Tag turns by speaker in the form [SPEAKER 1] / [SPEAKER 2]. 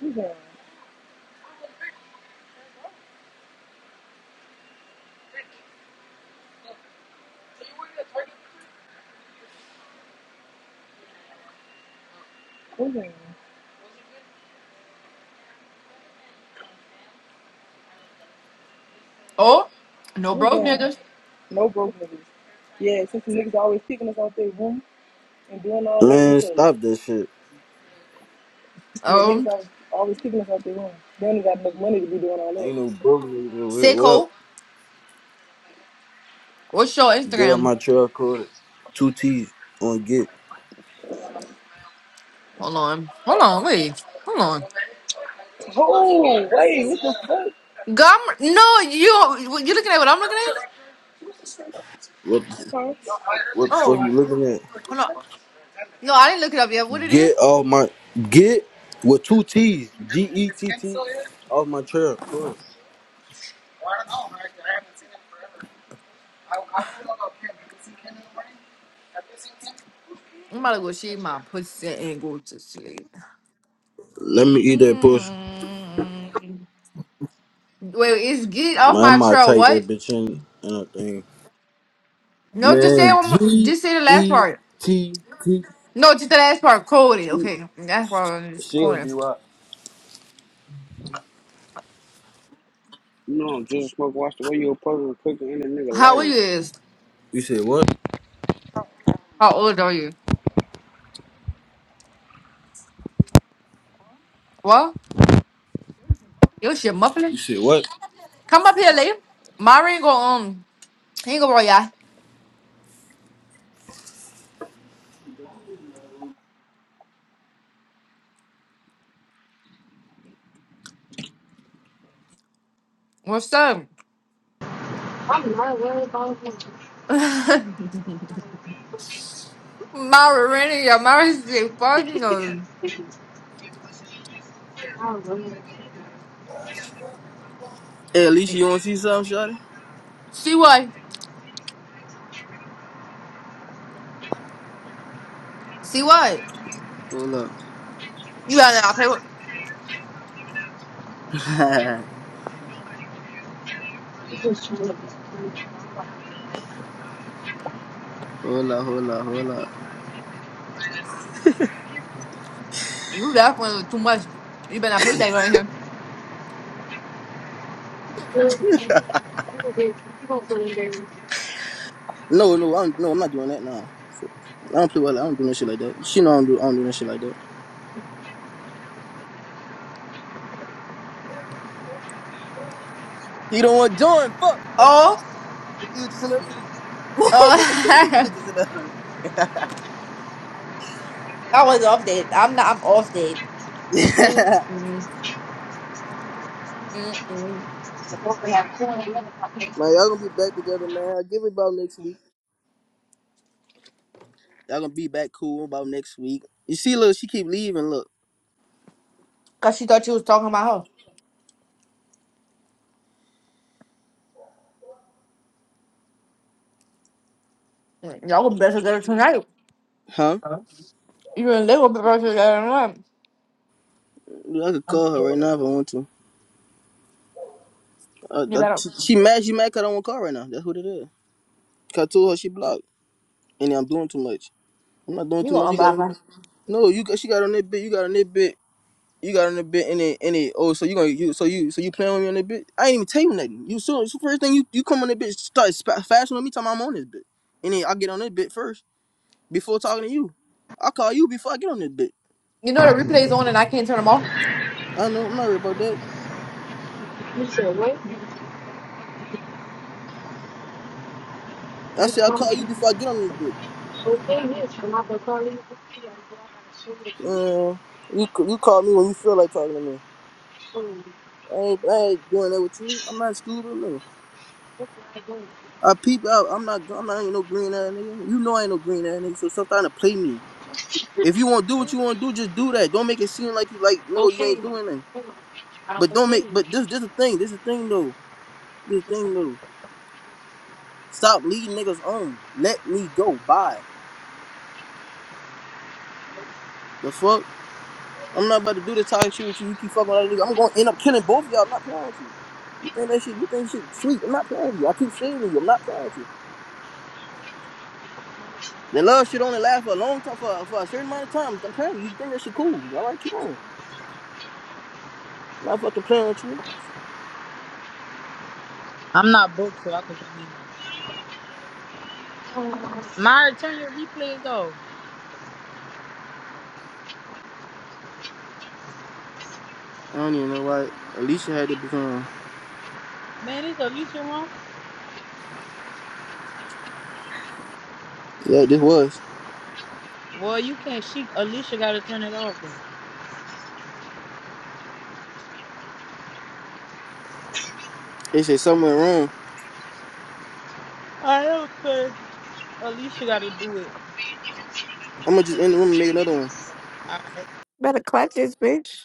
[SPEAKER 1] Who's that? Who's that?
[SPEAKER 2] Oh, no
[SPEAKER 1] Who's
[SPEAKER 2] broke
[SPEAKER 1] that?
[SPEAKER 2] niggas.
[SPEAKER 1] No broke niggas. Yeah, since the niggas always kicking us out their room and doing all that,
[SPEAKER 3] Man,
[SPEAKER 1] what's up?
[SPEAKER 3] stop this shit.
[SPEAKER 1] Yeah, niggas
[SPEAKER 2] Um,
[SPEAKER 1] always, always kicking us out their room. They only got enough money to be doing all that.
[SPEAKER 3] Ain't no bullying. no real- What up?
[SPEAKER 2] sicko. What's your
[SPEAKER 3] Get up
[SPEAKER 2] Instagram?
[SPEAKER 3] my truck, call it. Two T's on get.
[SPEAKER 2] Hold on. Hold on, wait. Hold on.
[SPEAKER 1] Oh, wait, what
[SPEAKER 2] Gum? No, you you looking at what I'm looking at?
[SPEAKER 3] What,
[SPEAKER 1] the fuck?
[SPEAKER 3] what the fuck
[SPEAKER 2] Oh,
[SPEAKER 3] you
[SPEAKER 1] Huh?
[SPEAKER 3] looking at?
[SPEAKER 2] no, no, I didn't look it up yet. What it is?
[SPEAKER 3] Get off my. Get with two T's. G E T T. Off my truck. call it.
[SPEAKER 2] I'm about to go shave my pussy and go to sleep.
[SPEAKER 3] Let me eat that push.
[SPEAKER 2] Mm. Wait, it's get off
[SPEAKER 3] Man, I
[SPEAKER 2] my
[SPEAKER 3] might
[SPEAKER 2] trail.
[SPEAKER 3] type
[SPEAKER 2] What?
[SPEAKER 3] that bitch in and a thing.
[SPEAKER 2] No, just say it
[SPEAKER 3] Man,
[SPEAKER 2] one more,
[SPEAKER 3] G
[SPEAKER 2] just say the last
[SPEAKER 3] E
[SPEAKER 2] part.
[SPEAKER 3] T T
[SPEAKER 2] No, just the last part. Cody. Okay, that's why I'm just
[SPEAKER 3] C O
[SPEAKER 2] quoting.
[SPEAKER 3] D Y.
[SPEAKER 4] No, just smoke. Watch the way you approach and cook in a nigga
[SPEAKER 2] How old
[SPEAKER 4] life.
[SPEAKER 2] you is?
[SPEAKER 3] You said what?
[SPEAKER 2] How old are you? What? Your shit muffling.
[SPEAKER 3] You said what?
[SPEAKER 2] Come up here, Lee. Mari ain't gonna um he ain't gonna roll ya. What's up?
[SPEAKER 5] I'm not worried about him.
[SPEAKER 2] Mari renting ya Mari say fuck no.
[SPEAKER 5] I'm really
[SPEAKER 6] Hey, Alicia, you want to see something, Shawty?
[SPEAKER 2] See what? See what?
[SPEAKER 6] Hold up.
[SPEAKER 2] You better not pay with
[SPEAKER 5] just trying to
[SPEAKER 6] hold up, hold up, hold up.
[SPEAKER 2] you definitely too much. You better not pay with that right here.
[SPEAKER 5] good. People get people put in there.
[SPEAKER 6] No, no, I'm no, I'm not doing that. Nah, I don't play well. I don't do no shit like that. She know I don't do, I don't do no shit like that. You don't want to join? Fuck.
[SPEAKER 2] Oh
[SPEAKER 6] You just another.
[SPEAKER 2] oh
[SPEAKER 6] you just another.
[SPEAKER 2] I was off date. I'm not I'm off date. Mm,
[SPEAKER 6] Yeah.
[SPEAKER 2] mm, mm, mm.
[SPEAKER 5] Supposed to have corn and other pockets.
[SPEAKER 6] Man, y'all gonna be back together, man. I'll give it about next week. Y'all gonna be back cool about next week. You see, look, she keep leaving. Look,
[SPEAKER 2] Cause she thought you was talking about her. Mm, Y'all gonna be better together tonight.
[SPEAKER 6] huh?
[SPEAKER 2] You and Lee gonna be better together tonight.
[SPEAKER 6] Dude, I could call her right now if I want to. Uh,
[SPEAKER 2] You
[SPEAKER 6] that,
[SPEAKER 2] better
[SPEAKER 6] she, she mad. She mad 'cause I don't want to call right now. That's what it is. 'Cause I told her she blocked, and I'm doing too much. I'm not doing
[SPEAKER 2] you
[SPEAKER 6] too much.
[SPEAKER 2] gonna
[SPEAKER 6] You got
[SPEAKER 2] unblock
[SPEAKER 6] on
[SPEAKER 2] her.
[SPEAKER 6] it. No, you got- she got on that bit. You got on that bit. You got on that bit in it in it. Oh, so you gonna you so you so you playing with me on that bit? I ain't even tell you nothing. You so, so first thing you you come on that bit start spa- fashion with me time I'm on this bit. And then I get on that bit first before talking to you. I call you before I get on this bit.
[SPEAKER 2] You know the replays on and I can't turn them off.
[SPEAKER 6] I know I'm not worried about that.
[SPEAKER 5] You said what?
[SPEAKER 6] I said
[SPEAKER 5] Like,
[SPEAKER 6] I call you
[SPEAKER 5] um,
[SPEAKER 6] before I get on this bit.
[SPEAKER 5] So the thing is, when I was calling you, I gotta show you the truth.
[SPEAKER 6] Uh, you c- you call me when you feel like talking to me.
[SPEAKER 5] So
[SPEAKER 6] I ain't I
[SPEAKER 5] what
[SPEAKER 6] ain't doing that with you. I'm not stupid. no.
[SPEAKER 5] can I do?
[SPEAKER 6] I peep out. I'm not. I'm not ain't no green ass nigga. You know I ain't no green ass nigga. So stop trying to play me. If you want to do what you want to do, just do that. Don't make it seem like you like no, you
[SPEAKER 5] Okay,
[SPEAKER 6] ain't doing nothing.
[SPEAKER 5] come on. I'll
[SPEAKER 6] But don't make. But this, this the thing. This the thing though. This the thing though. Stop leading niggas on. Let me go. Bye. The fuck. I'm not about to do this toxic shit with you. You keep fucking with other niggas. I'm gonna end up killing both of y'all. I'm not playing with you. You think that shit? You think shit sweet? I'm not playing with you. I keep saving you. I'm not playing with you. The love shit only lasts for a long time, for, for a certain amount of time. I'm telling you, you think that shit cool. All right, keep on. i Not fucking playing with you.
[SPEAKER 7] I'm not broke, so I can come in here.
[SPEAKER 5] okay.
[SPEAKER 7] Myra, turn your replays off.
[SPEAKER 6] I don't even know why Alicia had to be on.
[SPEAKER 7] Man, is Alicia wrong?
[SPEAKER 6] Yeah, this was.
[SPEAKER 7] Well, you can't. She Alicia got to turn it off. Then.
[SPEAKER 6] They said something went wrong.
[SPEAKER 7] All right, okay. Alicia got to do it.
[SPEAKER 6] I'm gonna just end the room and make another one.
[SPEAKER 7] All right.
[SPEAKER 8] Better clutch this bitch.